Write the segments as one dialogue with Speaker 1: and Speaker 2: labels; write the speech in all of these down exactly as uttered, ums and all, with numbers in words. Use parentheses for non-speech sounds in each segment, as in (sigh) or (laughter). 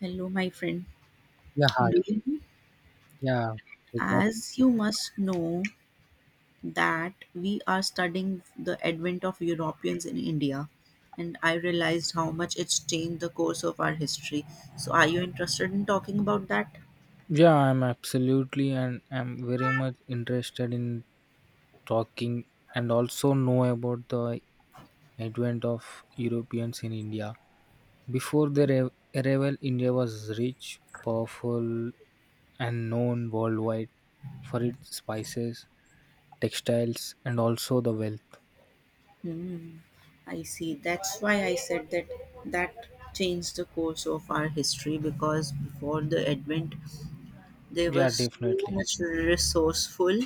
Speaker 1: Hello, my friend.
Speaker 2: Yeah, hi.
Speaker 1: Do you-
Speaker 2: Yeah, good luck.
Speaker 1: As you must know that we are studying the advent of Europeans in India, and I realized how much it's changed the course of our history. So, are you interested in talking about that?
Speaker 2: Yeah, I'm absolutely and I'm very much interested in talking and also know about the advent of Europeans in India. Before their arri- arrival, India was rich, powerful, and known worldwide for its spices, textiles, and also the wealth.
Speaker 1: Hmm. I see. That's why I said that that changed the course of our history because before the advent, they were
Speaker 2: Yeah,
Speaker 1: so
Speaker 2: definitely.
Speaker 1: much resourceful,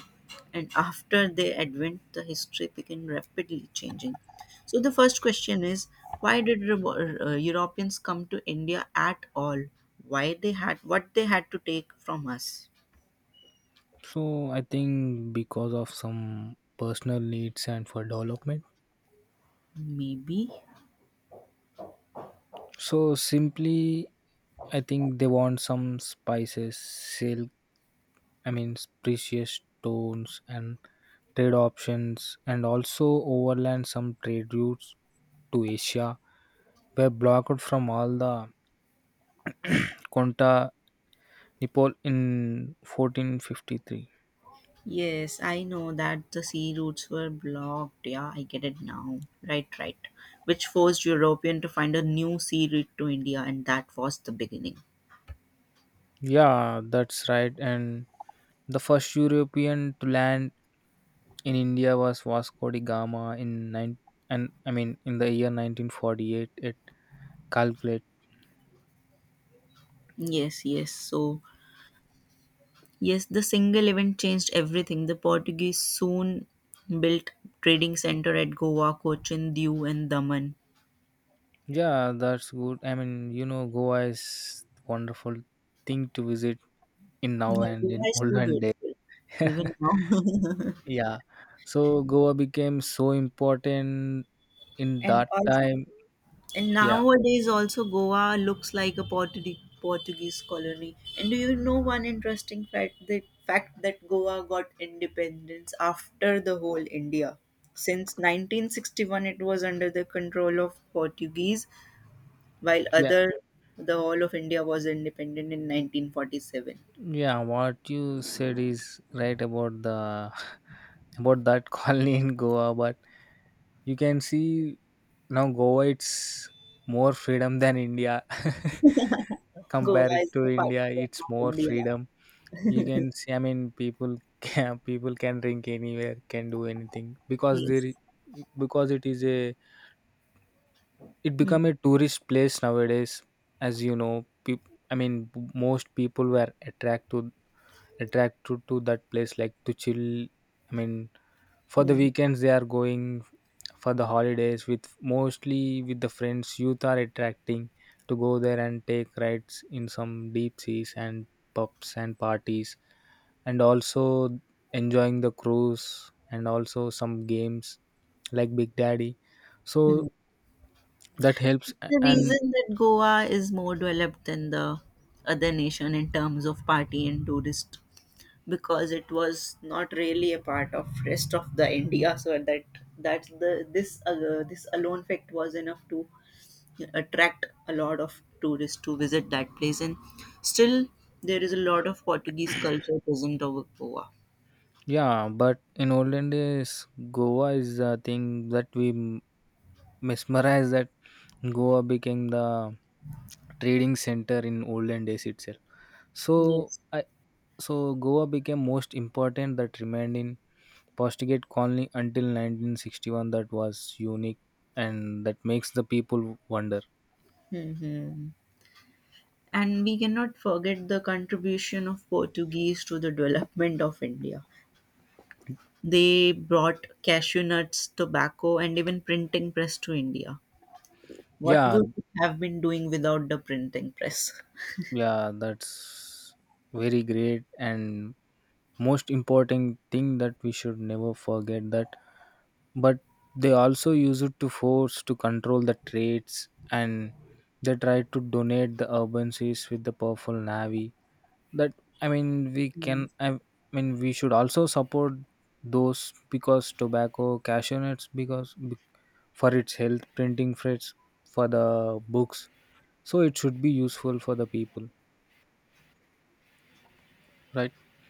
Speaker 1: and after their advent, the history began rapidly changing. So the first question is, why did Revo- uh, Europeans come to India at all? Why they had what they had to take from us?
Speaker 2: So I think because of some personal needs and for development.
Speaker 1: Maybe.
Speaker 2: So simply, I think they want some spices, silk, I mean, precious stones and trade options, and also overland some trade routes to Asia were blocked from all the Conta Nepal in fourteen fifty-three.
Speaker 1: Yes, I know that the sea routes were blocked. Yeah, I get it now. Right, right. Which forced European to find a new sea route to India, and that was the beginning.
Speaker 2: Yeah, that's right. And the first European to land in India was Vasco da Gama in nine and I mean in the year nineteen forty-eight at Calcutta.
Speaker 1: Yes, yes. So yes, the single event changed everything. The Portuguese soon built trading center at Goa, Cochin, Diu, and Daman.
Speaker 2: Yeah, that's good. I mean, you know, Goa is wonderful thing to visit in now
Speaker 1: Yeah,
Speaker 2: and
Speaker 1: Goa
Speaker 2: in
Speaker 1: is too
Speaker 2: olden day.
Speaker 1: beautiful, even
Speaker 2: (laughs)
Speaker 1: now.
Speaker 2: Yeah. So Goa became so important
Speaker 1: (laughs)
Speaker 2: in
Speaker 1: And
Speaker 2: that
Speaker 1: also,
Speaker 2: time.
Speaker 1: and
Speaker 2: Yeah,
Speaker 1: nowadays also Goa looks like a Portu- Portuguese colony. And do you know one interesting fact? The fact that Goa got independence after the whole India. Since nineteen sixty-one, it was under the control of Portuguese, while
Speaker 2: yeah,
Speaker 1: other the whole of India was independent in nineteen forty-seven.
Speaker 2: yeah. What you said is right about the (laughs) about that colony in Goa, but you can see now Goa it's more freedom than India. (laughs)
Speaker 1: Goa
Speaker 2: Compared
Speaker 1: is
Speaker 2: to
Speaker 1: the
Speaker 2: India,
Speaker 1: partition
Speaker 2: it's
Speaker 1: of
Speaker 2: more
Speaker 1: India.
Speaker 2: freedom. You can see, i mean people can (laughs) people can drink anywhere, can do anything, because there
Speaker 1: Yes.
Speaker 2: i- because it is a, it become
Speaker 1: Mhm.
Speaker 2: a tourist place nowadays. As you know, peop, I mean b- most people were attracted attracted to that place, like to chill. i mean for the
Speaker 1: Mhm.
Speaker 2: weekends they are going for the holidays, with mostly with the friends. Youth are attracting to go there and take rides in some deep seas and pubs and parties, and also enjoying the cruise and also some games like big daddy. So
Speaker 1: Mhm.
Speaker 2: that helps a-
Speaker 1: The
Speaker 2: and
Speaker 1: reason that Goa is more developed than the other nation in terms of party and tourist because it was not really a part of rest of the India so that that the this uh, this alone fact was enough to attract a lot of tourists to visit that place, and still there is a lot of Portuguese culture present over Goa.
Speaker 2: Yeah, but in olden days, Goa is a thing that we m- mesmerize, that Goa became the trading center in olden days itself. so
Speaker 1: Yes.
Speaker 2: I, so Goa became most important, that remained in Postigate colony until nineteen sixty-one. That was unique and that makes the people wonder.
Speaker 1: Hmm. And we cannot forget the contribution of Portuguese to the development of India. They brought cashew nuts, tobacco, and even printing press to India. What
Speaker 2: Yeah,
Speaker 1: would we have been doing without the printing press?
Speaker 2: yeah, that's very great and most important thing that we should never forget that, but they also use it to force to control the trades, and they try to donate the urban seas with the powerful navy. That I mean we
Speaker 1: Hmm.
Speaker 2: can I mean we should also support those, because tobacco, cashew nuts, because for its health, printing press for the books, so it should be useful for the people,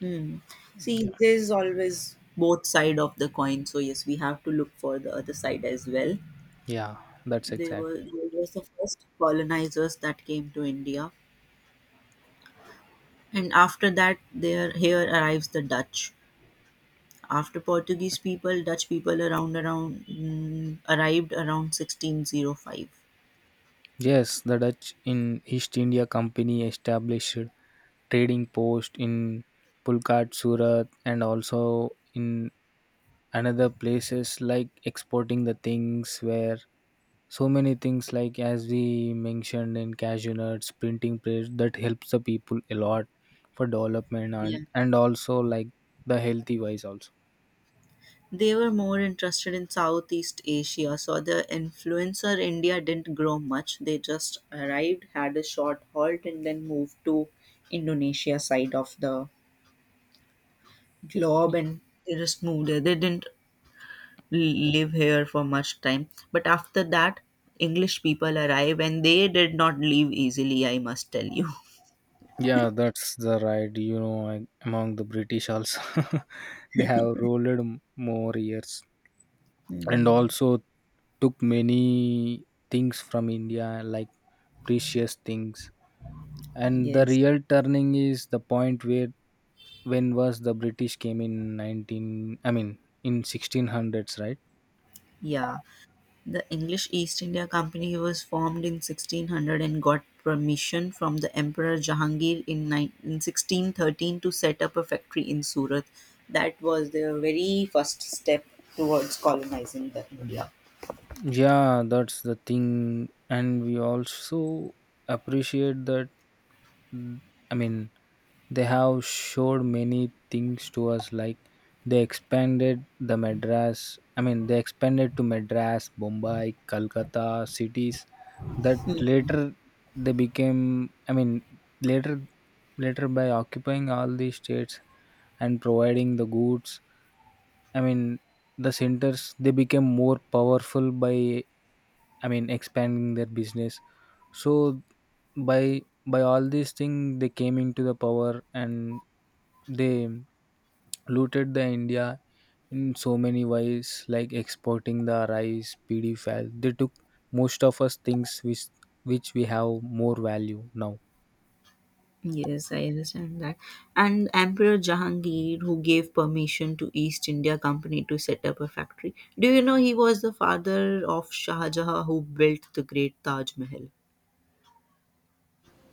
Speaker 1: Hmm. See,
Speaker 2: right?
Speaker 1: there's always both side of the coin. So yes, we have to look for the other side as well.
Speaker 2: Yeah, that's
Speaker 1: They
Speaker 2: exact.
Speaker 1: were they were the first colonizers that came to India, and after that, there here arrives the Dutch. After Portuguese people, Dutch people around around mm, arrived around sixteen oh five.
Speaker 2: Yes, the Dutch in East India Company established trading post in Pulkat, Surat, and also in another places, like exporting the things, where so many things, like as we mentioned, in cashew nuts, printing press, that helps the people a lot for development,
Speaker 1: Yeah.
Speaker 2: and and also like the healthy wise also.
Speaker 1: They were more interested in Southeast Asia, so the influencer India didn't grow much. They just arrived, had a short halt, and then moved to Indonesia side of the globe, and they just moved there. They didn't live here for much time. But after that, English people arrive and they did not leave easily, I must tell you.
Speaker 2: Yeah, that's the right. You know, and among the British also, (laughs) they have ruled m- more years and
Speaker 1: Hmm.
Speaker 2: also took many things from India, like precious things. And the
Speaker 1: Yes.
Speaker 2: real turning is the point where, when was the British came in nineteen? I mean, in sixteen hundreds, right?
Speaker 1: Yeah. The English East India Company was formed in sixteen hundred and got permission from the Emperor Jahangir in, nine in sixteen thirteen to set up a factory in Surat. That was their very first step towards colonizing the India.
Speaker 2: Yeah, that's the thing. And we also appreciate that, I mean, they have showed many things to us, like they expanded the Madras, I mean, they expanded to Madras, Bombay, Calcutta cities, that later they became, I mean, later later by occupying all these states and providing the goods. I mean, the centers, they became more powerful by, I mean, expanding their business. So by by all these things, they came into the power and they looted the India in so many ways, like exporting the rice, P D file. They took most of us things, which which we have more value now.
Speaker 1: Yes, I understand that. And Emperor Jahangir, who gave permission to East India Company to set up a factory. Do you know he was the father of Shah Jahan, who built the great Taj Mahal?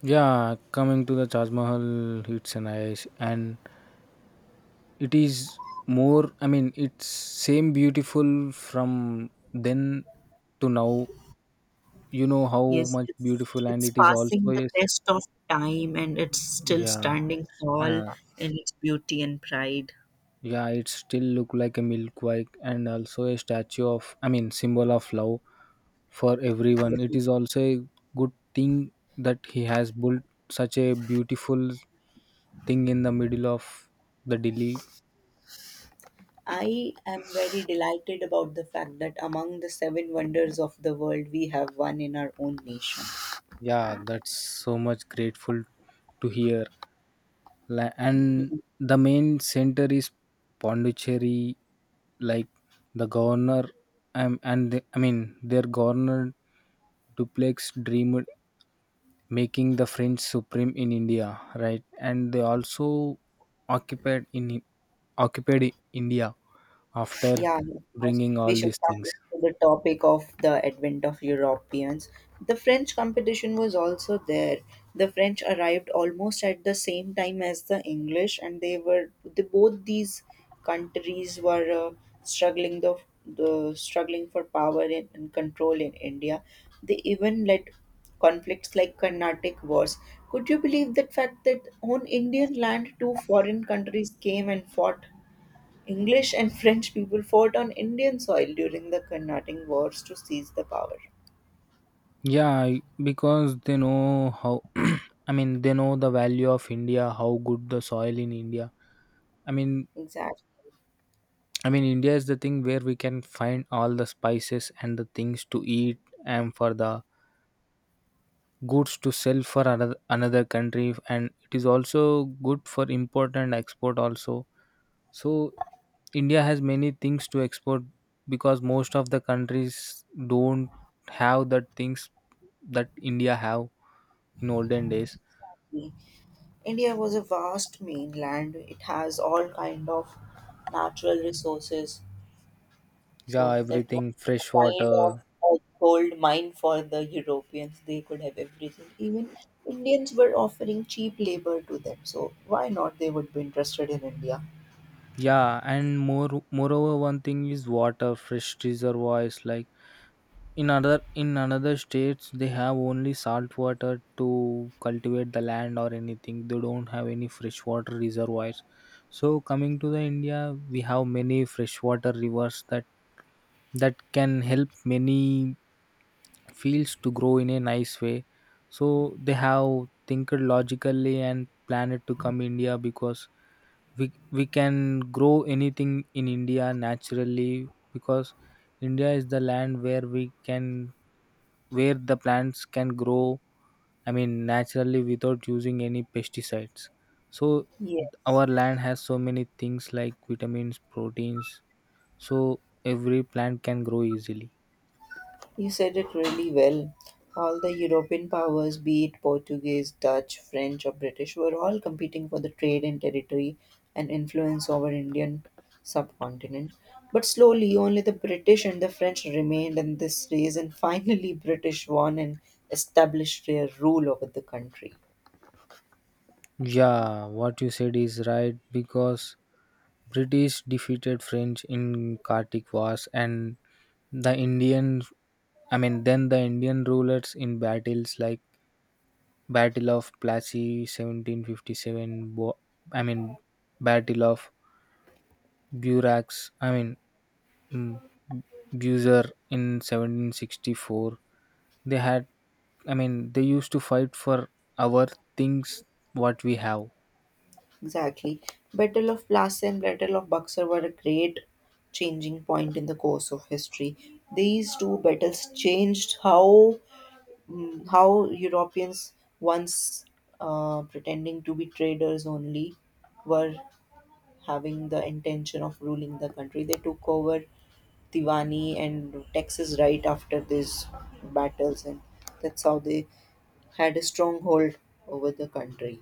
Speaker 2: Yeah, coming to the Taj Mahal, it's an nice, and it is more, i mean it's same beautiful from then to now. You know how
Speaker 1: Yes,
Speaker 2: much
Speaker 1: it's
Speaker 2: beautiful, and
Speaker 1: it's
Speaker 2: it is also
Speaker 1: passing the
Speaker 2: is,
Speaker 1: test of time, and it's still
Speaker 2: yeah
Speaker 1: standing tall
Speaker 2: uh,
Speaker 1: in its beauty and pride.
Speaker 2: yeah, it still look like a milk white and also a statue of, i mean symbol of love for everyone. It is also a good thing that he has built such a beautiful thing in the middle of the Delhi.
Speaker 1: I am very delighted about the fact that among the seven wonders of the world, we have one in our own nation.
Speaker 2: Yeah, that's so much grateful to hear. La- and the main center is Pondicherry, like the governor, um, and the, I mean their governor, Duplex, dreamed making the French supreme in India, right? And they also occupied in occupied India after
Speaker 1: Yeah, of course.
Speaker 2: bringing
Speaker 1: We
Speaker 2: all
Speaker 1: should
Speaker 2: these
Speaker 1: come
Speaker 2: things.
Speaker 1: back to the topic of the advent of Europeans. The French competition was also there. The French arrived almost at the same time as the English, and they were the, both these countries were uh, struggling the, the struggling for power and, and control in India. They even led conflicts like Carnatic Wars. Could you believe that fact that on Indian land two foreign countries came and fought? English and French people fought on Indian soil during the Carnatic Wars to seize the power.
Speaker 2: Yeah, because they know how. (clears throat) I mean, they know the value of India, how good the soil in India. I mean,
Speaker 1: Exactly.
Speaker 2: I mean, India is the thing where we can find all the spices and the things to eat, and for the goods to sell for another another country. And it is also good for import and export also. So India has many things to export, because most of the countries don't have the things that India have in olden days.
Speaker 1: India was a vast mainland. It has all kind of natural resources.
Speaker 2: Yeah,
Speaker 1: So that was
Speaker 2: everything,
Speaker 1: a
Speaker 2: fresh
Speaker 1: kind of
Speaker 2: water.
Speaker 1: a gold mine for the Europeans. They could have everything. Even Indians were offering cheap labor to them. So why not they would be interested in India?
Speaker 2: Yeah, and more moreover, one thing is water, fresh reservoirs. Like in other in another states, they have only salt water to cultivate the land, or anything, they don't have any freshwater reservoirs. So coming to the India, we have many freshwater rivers, that that can help many fields to grow in a nice way. So they have think logically and plan it to come India, because we we can grow anything in India naturally, because India is the land where we can, where the plants can grow, i mean naturally without using any pesticides. So our
Speaker 1: Yes.
Speaker 2: land has so many things like vitamins, proteins, so every plant can grow easily.
Speaker 1: You said it really well. All the European powers, be it Portuguese, Dutch, French, or British, were all competing for the trade and territory and influence over Indian subcontinent. But slowly, only the British and the French remained in this race, and finally, British won and established their rule over the country.
Speaker 2: Yeah, what you said is right, because British defeated French in Kartik Wars, and the indian I mean then the Indian rulers in battles, like battle of Plassey seventeen fifty-seven, Bo- i mean battle of Burax, I mean, mm, Buzer in seventeen sixty-four. They had, I mean, they used to fight for our things, what we have.
Speaker 1: Exactly. Battle of Plassey and Battle of Buxar were a great changing point in the course of history. These two battles changed how mm, how Europeans once uh, pretending to be traders only were having the intention of ruling the country. They took over Tivani and Texas right after these battles, and that's how they had a stronghold over the country.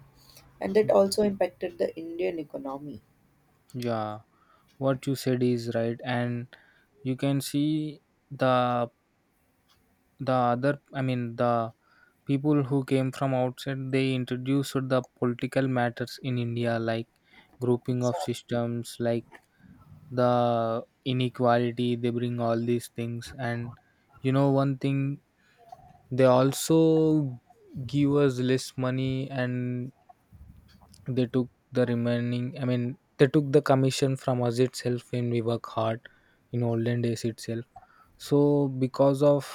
Speaker 1: And that also impacted the Indian economy.
Speaker 2: Yeah, what you said is right, and you can see the the other, I mean, the people who came from outside. They introduced the political matters in India, like grouping of
Speaker 1: So
Speaker 2: systems, like the inequality. They bring all these things. And you know one thing, they also give us less money, and they took the remaining i mean they took the commission from us itself when we work hard in olden days itself. So because of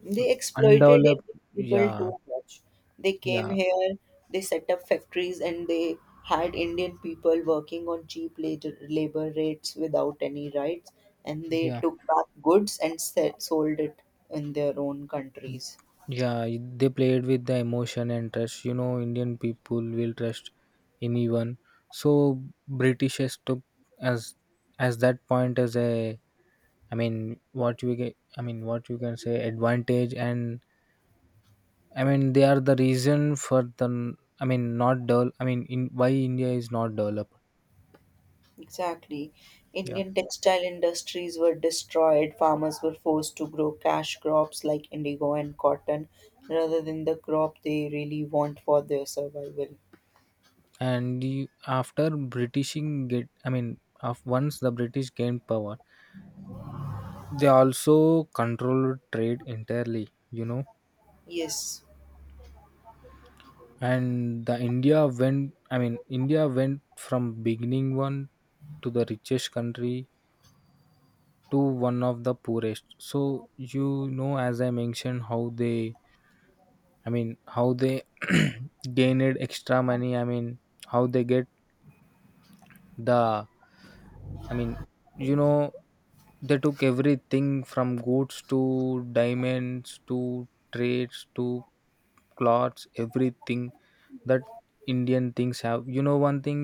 Speaker 1: they exploited Indian
Speaker 2: undeveloped
Speaker 1: people
Speaker 2: Yeah,
Speaker 1: too much. They came
Speaker 2: yeah,
Speaker 1: here, they set up factories, and they had Indian people working on cheap labor labor rates without any rights, and they
Speaker 2: yeah,
Speaker 1: took back goods and set, sold it in their own countries.
Speaker 2: yeah, they played with the emotion and trust. You know, Indian people will trust anyone. So Britishers took as as that point as a, I mean, what you get, I mean, what you can say, advantage. And I mean, they are the reason for the, I mean, not develop. I mean, in why India is not developed.
Speaker 1: Exactly.
Speaker 2: Yeah,
Speaker 1: Indian textile industries were destroyed. Farmers were forced to grow cash crops like indigo and cotton rather than the crop they really want for their survival.
Speaker 2: and you, after Britishing get, I mean, of once the British gained power, they also controlled trade entirely. You know,
Speaker 1: Yes.
Speaker 2: and the India went. I mean, India went from beginning one to the richest country to one of the poorest. So you know, as I mentioned, how they I mean how they (clears throat) gained extra money. I mean how they get the I mean you know They took everything, from goods to diamonds to trades to clothes, everything that Indian things have. You know one thing,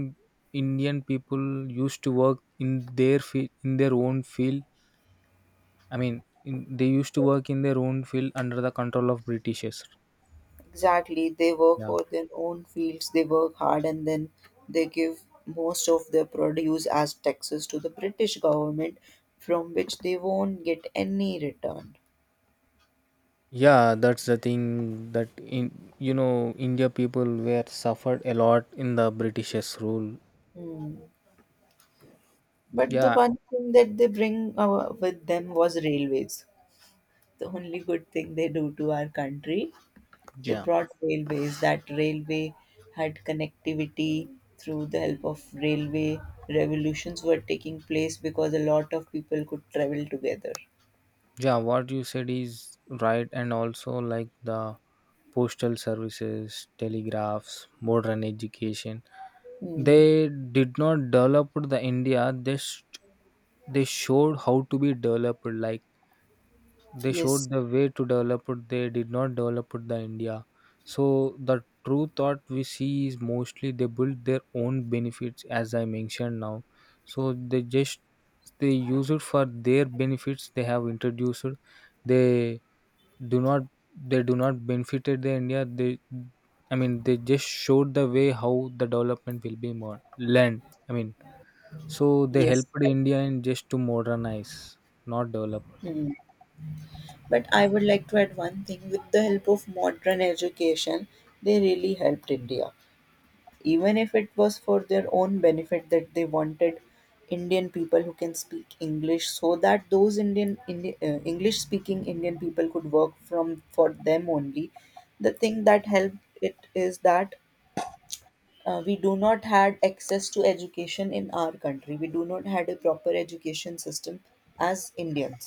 Speaker 2: Indian people used to work in their field in their own field. I mean, in, they used to work in their own field under the control of Britishers.
Speaker 1: Exactly. They work
Speaker 2: Yeah,
Speaker 1: for their own fields, they work hard, and then they give most of their produce as taxes to the British government, from which they won't get any return.
Speaker 2: yeah, that's the thing, that in, you know, India people were suffered a lot in the Britishers rule.
Speaker 1: Hmm. But the
Speaker 2: Yeah,
Speaker 1: one thing that they bring uh, with them was railways. The only good thing they do to our country, they
Speaker 2: yeah,
Speaker 1: brought railways. That railway had connectivity through the help of railway. Revolutions were taking place because a lot of people could travel together.
Speaker 2: yeah. What you said is right, and also like the postal services, telegraphs, modern education.
Speaker 1: Hmm.
Speaker 2: They did not develop the India. They sh- they showed how to be developed, like, they
Speaker 1: Yes,
Speaker 2: showed the way to develop it. They did not develop it the India. So the true thought we see is, mostly they build their own benefits, as I mentioned now. So they just they use it for their benefits. They have introduced it. They do not they do not benefited the India. They, I mean they just showed the way how the development will be more learned. I mean so they
Speaker 1: yes.
Speaker 2: helped India in just to modernize, not develop.
Speaker 1: Hmm. But I would like to add one thing, with the help of modern education, they really helped India. Even if it was for their own benefit that they wanted Indian people who can speak English so that those Indian, Indi- uh, English speaking Indian people could work from for them only. The thing that helped it is that uh, we do not had access to education in our country, we do not had a proper education system as Indians.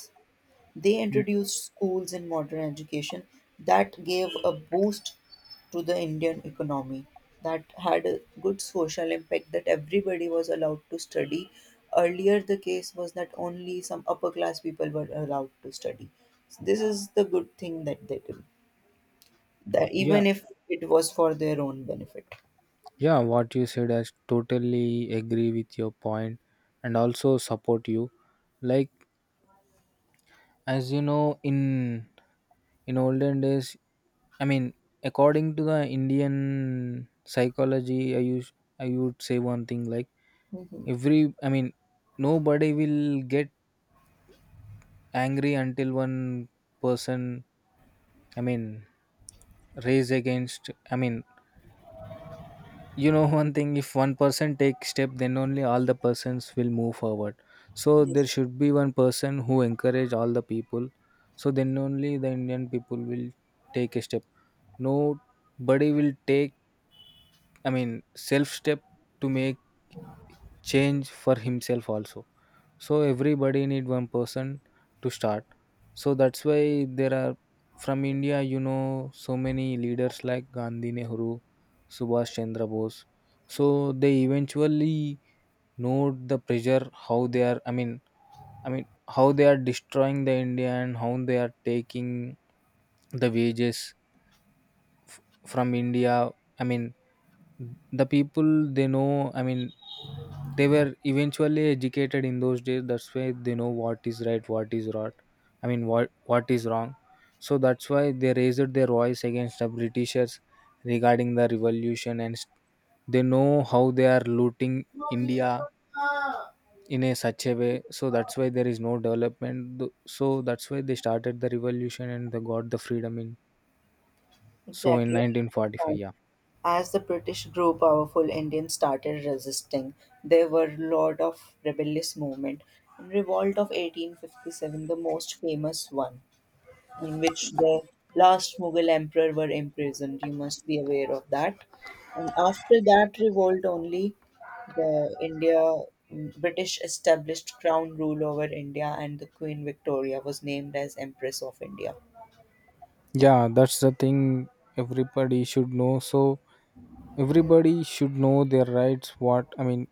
Speaker 1: They introduced schools in modern education that gave a boost to the Indian economy, that had a good social impact, that everybody was allowed to study. Earlier the case was that only some upper class people were allowed to study. So this is the good thing that they do, that
Speaker 2: Yeah,
Speaker 1: even if it was for their own benefit.
Speaker 2: yeah, what you said, I totally agree with your point and also support you. Like as you know, in in olden days, I mean, according to the Indian psychology, I use I would say one thing, like every I mean, nobody will get angry until one person I mean raise against. I mean you know, one thing: if one person takes step, then only all the persons will move forward. So
Speaker 1: Yes.
Speaker 2: there should be one person who encourage all the people. So then only the Indian people will take a step. Nobody will take, i mean self step to make change for himself also. So everybody need one person to start. So that's why there are, from India, you know, so many leaders like Gandhi, Nehru, Subhash Chandra Bose. So they eventually note the pressure how they are, i mean i mean how they are destroying the India and how they are taking the wages f- from India. i mean the people, they know, I mean, they were eventually educated in those days. That's why they know what is right, what is wrong. I mean, what what is wrong. So that's why they raised their voice against the Britishers regarding the revolution, and st- they know how they are looting India in a such a way. So that's why there is no development. Th- So that's why they started the revolution and they got the freedom in. So in
Speaker 1: Exactly, I
Speaker 2: nineteen forty-five,
Speaker 1: understand.
Speaker 2: yeah.
Speaker 1: As the British grew powerful, Indians started resisting. There were a lot of rebellious movement. In Revolt of eighteen fifty-seven, the most famous one, in which the last Mughal emperor were imprisoned. You must be aware of that. And after that revolt, only the India mm, British established crown rule over India, and the Queen Victoria was named as Empress of India.
Speaker 2: Yeah, that's the thing everybody should know. So everybody should know their rights. What I mean,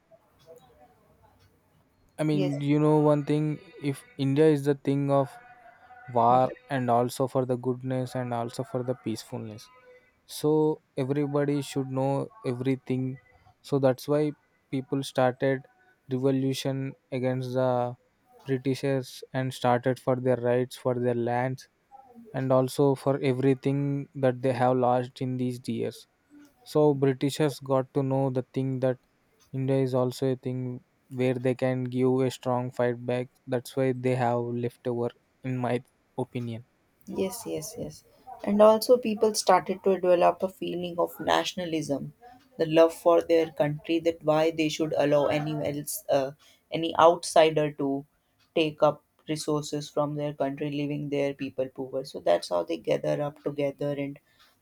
Speaker 2: I
Speaker 1: Yes.
Speaker 2: mean, You know, one thing: if India is the thing of war and also for the goodness and also for the peacefulness. So everybody should know everything. So that's why people started revolution against the Britishers and started for their rights, for their lands, and also for everything that they have lost in these years. So Britishers got to know the thing that India is also a thing where they can give a strong fight back. That's why they have left over, in my opinion.
Speaker 1: Yes, yes, yes. And also, people started to develop a feeling of nationalism, the love for their country, that why they should allow anyone else, uh, any outsider to take up resources from their country, leaving their people poor. So that's how they gather up together, and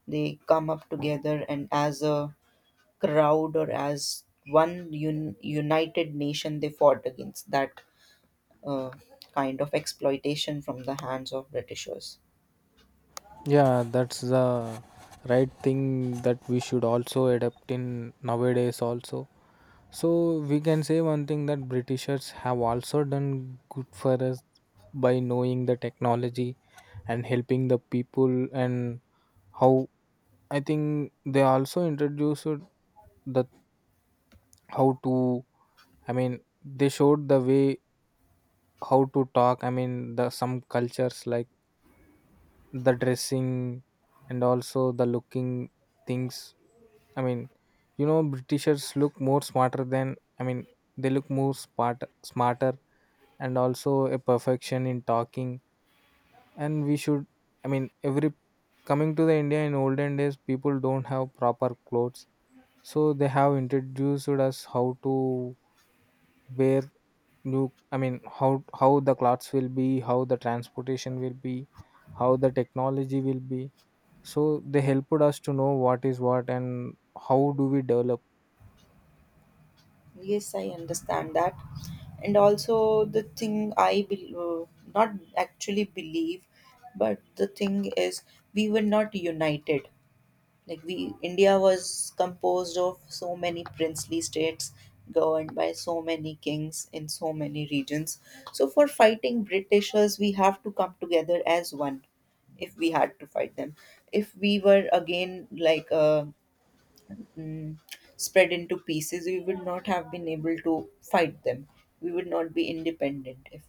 Speaker 1: they come up together, and as a crowd or as one un- united nation, they fought against that uh, kind of exploitation from the hands of Britishers.
Speaker 2: Yeah, that's the right thing that we should also adapt in nowadays also. So we can say one thing that Britishers have also done good for us by knowing the technology and helping the people, and how I think they also introduced the how to. I mean they showed the way how to talk. I mean the some cultures, like the dressing and also the looking things. I mean you know, Britishers look more smarter than, i mean they look more smart smarter and also a perfection in talking. And we should, I mean every coming to the India, in olden days people don't have proper clothes. So they have introduced us how to wear new. I mean how how the clothes will be, how the transportation will be, how the technology will be. So they helped us to know what is what and how do we develop.
Speaker 1: Yes, I understand that. And also, the thing I be- uh, not actually believe, but the thing is, we were not united. Like we, India was composed of so many princely states, governed by so many kings in so many regions. So for fighting Britishers, we have to come together as one. If we had to fight them, if we were again like uh, mm, spread into pieces, we would not have been able to fight them. We would not be independent if,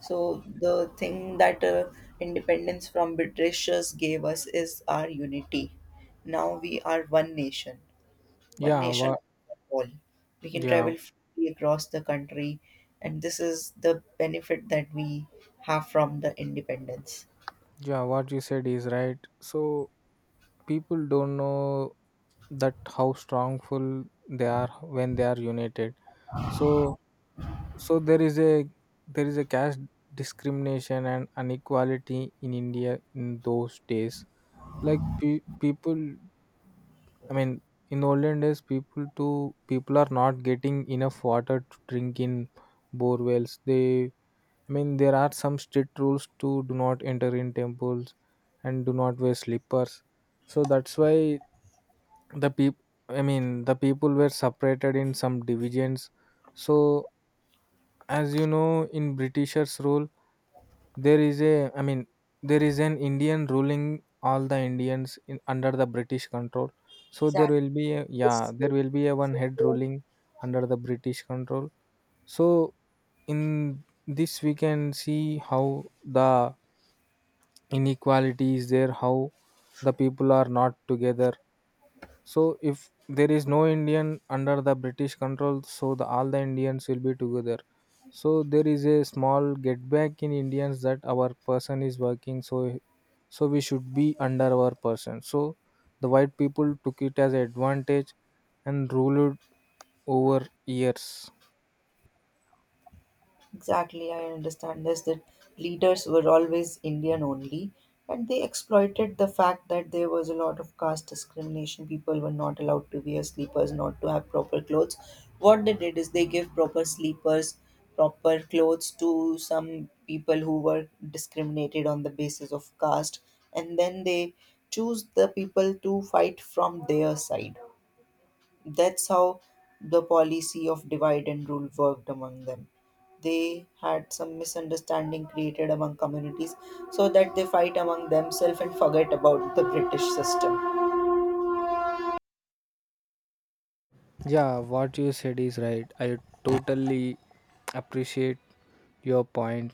Speaker 1: so the thing that uh, independence from Britishers gave us is our unity. Now we are one nation, one
Speaker 2: Yeah,
Speaker 1: nation
Speaker 2: what
Speaker 1: under all. We can
Speaker 2: yeah,
Speaker 1: travel freely across the country, and this is the benefit that we have from the independence.
Speaker 2: yeah, what you said is right. So people don't know that how strongful they are when they are united. So So there is a there is a caste discrimination and inequality in India in those days. Like pe- people, I mean, in olden days, people to people are not getting enough water to drink in bore wells. They, I mean, there are some strict rules to do not enter in temples and do not wear slippers. So that's why the people, I mean, the people were separated in some divisions. So as you know, in Britishers' rule there is a, I mean, there is an Indian ruling all the Indians in under the British control. So there
Speaker 1: Exactly.
Speaker 2: will be a, yeah, there will be a one head ruling under the British control. So in this we can see how the inequality is there, how the people are not together. So if there is no Indian under the British control, so the, all the Indians will be together. So there is a small get back in Indians that our person is working. So so we should be under our person. So the white people took it as advantage and ruled over years.
Speaker 1: Exactly, I understand this, that leaders were always Indian only, and they exploited the fact that there was a lot of caste discrimination. People were not allowed to wear sleepers, not to have proper clothes. What they did is they gave proper sleepers, proper clothes to some people who were discriminated on the basis of caste, and then they choose the people to fight from their side. That's how the policy of divide and rule worked among them. They had some misunderstanding created among communities so that they fight among themselves and forget about the British system.
Speaker 2: Yeah, what you said is right. I totally appreciate your point.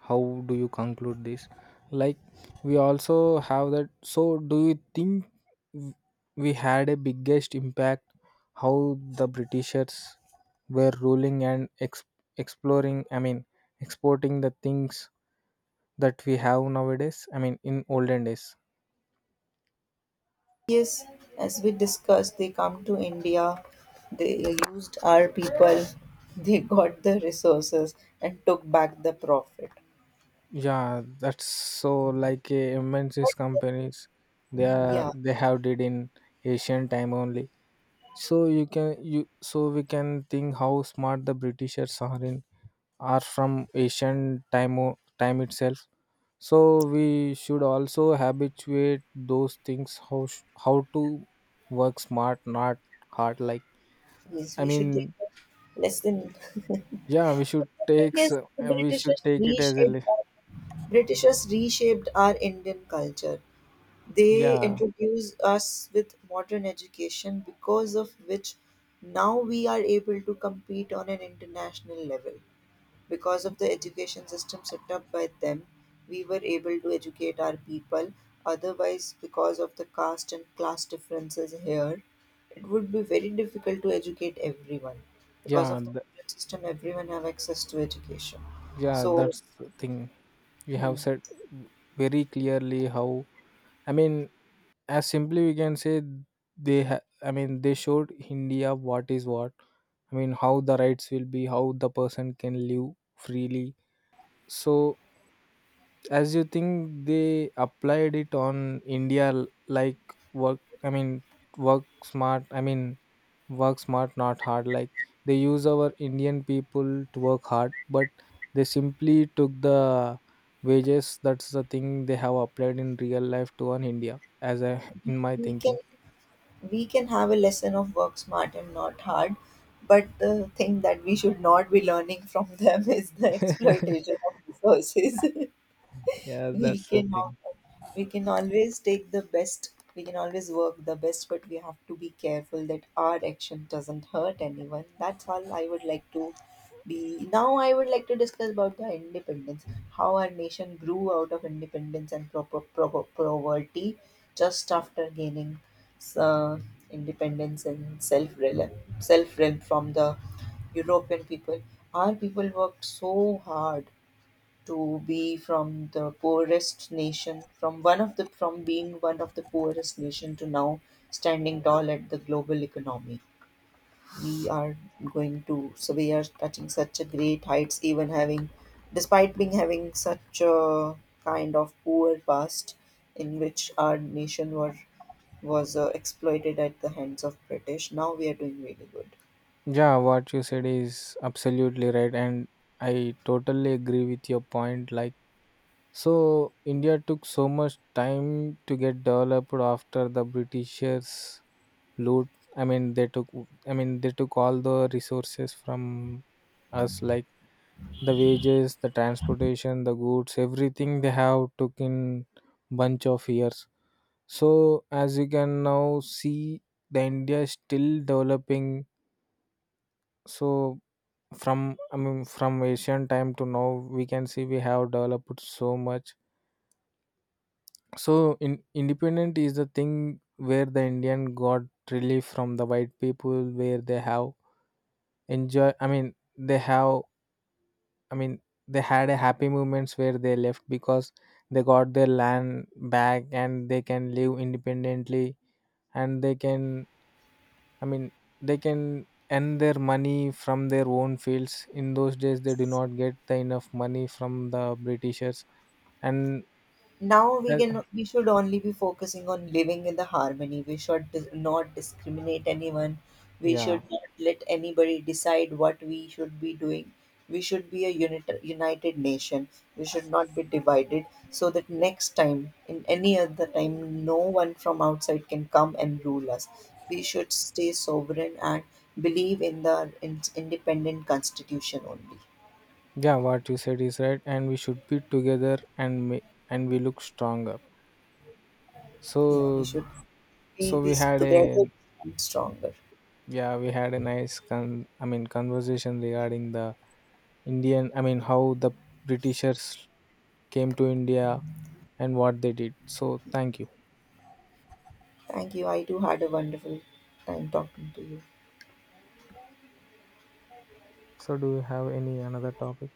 Speaker 2: How do you conclude this? Like, we also have that. So, do you think w- we had a biggest impact how the Britishers were ruling and ex- exploring? I mean, exporting the things that we have nowadays. I mean, in olden days.
Speaker 1: Yes, as we discussed, they come to India, they used our people, (laughs) they got the resources and took back the profit.
Speaker 2: Yeah, that's so like a M N C's companies, they are
Speaker 1: Yeah,
Speaker 2: they have did in Asian time only. So you can you so we can think how smart the Britishers are in, are from Asian time o- time itself. So we should also habituate those things, how sh- how to work smart, not hard, like.
Speaker 1: yes,
Speaker 2: I
Speaker 1: we should take
Speaker 2: mean
Speaker 1: a lesson. (laughs)
Speaker 2: yeah, we should
Speaker 1: The
Speaker 2: take
Speaker 1: thing is,
Speaker 2: s-
Speaker 1: the
Speaker 2: we
Speaker 1: British
Speaker 2: should take it as a
Speaker 1: reshaped
Speaker 2: li-
Speaker 1: our, Britishers reshaped our Indian culture. They
Speaker 2: yeah.
Speaker 1: introduced us with modern education because of which now we are able to compete on an international level. Because of the education system set up by them, we were able to educate our people. Otherwise, because of the caste and class differences here, it would be very difficult to educate everyone. Because
Speaker 2: yeah
Speaker 1: of the modern system, everyone have access to education.
Speaker 2: yeah
Speaker 1: So,
Speaker 2: that's the thing you
Speaker 1: hmm,
Speaker 2: have said very clearly how, i mean as simply we can say, they ha- i mean they showed India what is what. I mean how the rights will be, how the person can live freely. So as you think, they applied it on India, l- like work. I mean work smart, i mean work smart, not hard. Like, they use our Indian people to work hard, but they simply took the wages. That's the thing they have applied in real life to on India, as I, in my
Speaker 1: we can
Speaker 2: thinking.
Speaker 1: we can have a lesson of work smart and not hard, but the thing that we should not be learning from them (laughs) is the
Speaker 2: (laughs)
Speaker 1: exploitation of resources. (laughs)
Speaker 2: Yeah,
Speaker 1: we
Speaker 2: that's the
Speaker 1: can (laughs)
Speaker 2: thing.
Speaker 1: al- We can always take the best, we can always work the best, but we have to be careful that our action doesn't hurt anyone. That's all I would like to be. Now I would like to discuss about the independence, how our nation grew out of independence and pro- pro- pro- poverty just after gaining uh, independence and self self-realm from the European people. Our people worked so hard to be from the poorest nation, from one of the from being one of the poorest nation to now standing tall at the global economy. We are going to so We are touching such a great heights, even having despite being having such a kind of poor past in which our nation were was uh, exploited at the hands of British. Now we are doing really good.
Speaker 2: Yeah, what you said is absolutely right, and I totally agree with your point, like. So India took so much time to get developed after the Britishers loot. I mean, they took. I mean, they took all the resources from us, like the wages, the transportation, the goods, everything they have took in bunch of years. So as you can now see, the India is still developing. So from I mean, from Asian time to now, we can see we have developed so much. So in independent is the thing where the Indian got relief from the white people, where they have enjoy. I mean they have, I mean they had a happy moments where they left, because they got their land back and they can live independently, and they can, I mean they can earn their money from their own fields. In those days they do not get the enough money from the Britishers and,
Speaker 1: Now we
Speaker 2: uh,
Speaker 1: can we should only be focusing on living in the harmony. We should dis- not discriminate anyone. We
Speaker 2: yeah.
Speaker 1: should not let anybody decide what we should be doing. We should be a unit, united nation. We should not be divided so that next time in any other time no one from outside can come and rule us. We should stay sovereign and believe in the in- independent constitution only.
Speaker 2: Yeah, what you said is right, and we should be together, and we, and we look stronger.
Speaker 1: Yeah, we
Speaker 2: So,
Speaker 1: should be,
Speaker 2: so
Speaker 1: be
Speaker 2: we had
Speaker 1: together
Speaker 2: a
Speaker 1: and stronger.
Speaker 2: yeah, we had a nice con. I mean, conversation regarding the Indian. I mean, how the Britishers came to India and what they did. So, thank you.
Speaker 1: Thank you. I too had a wonderful time talking to you.
Speaker 2: So, do you have any another topic?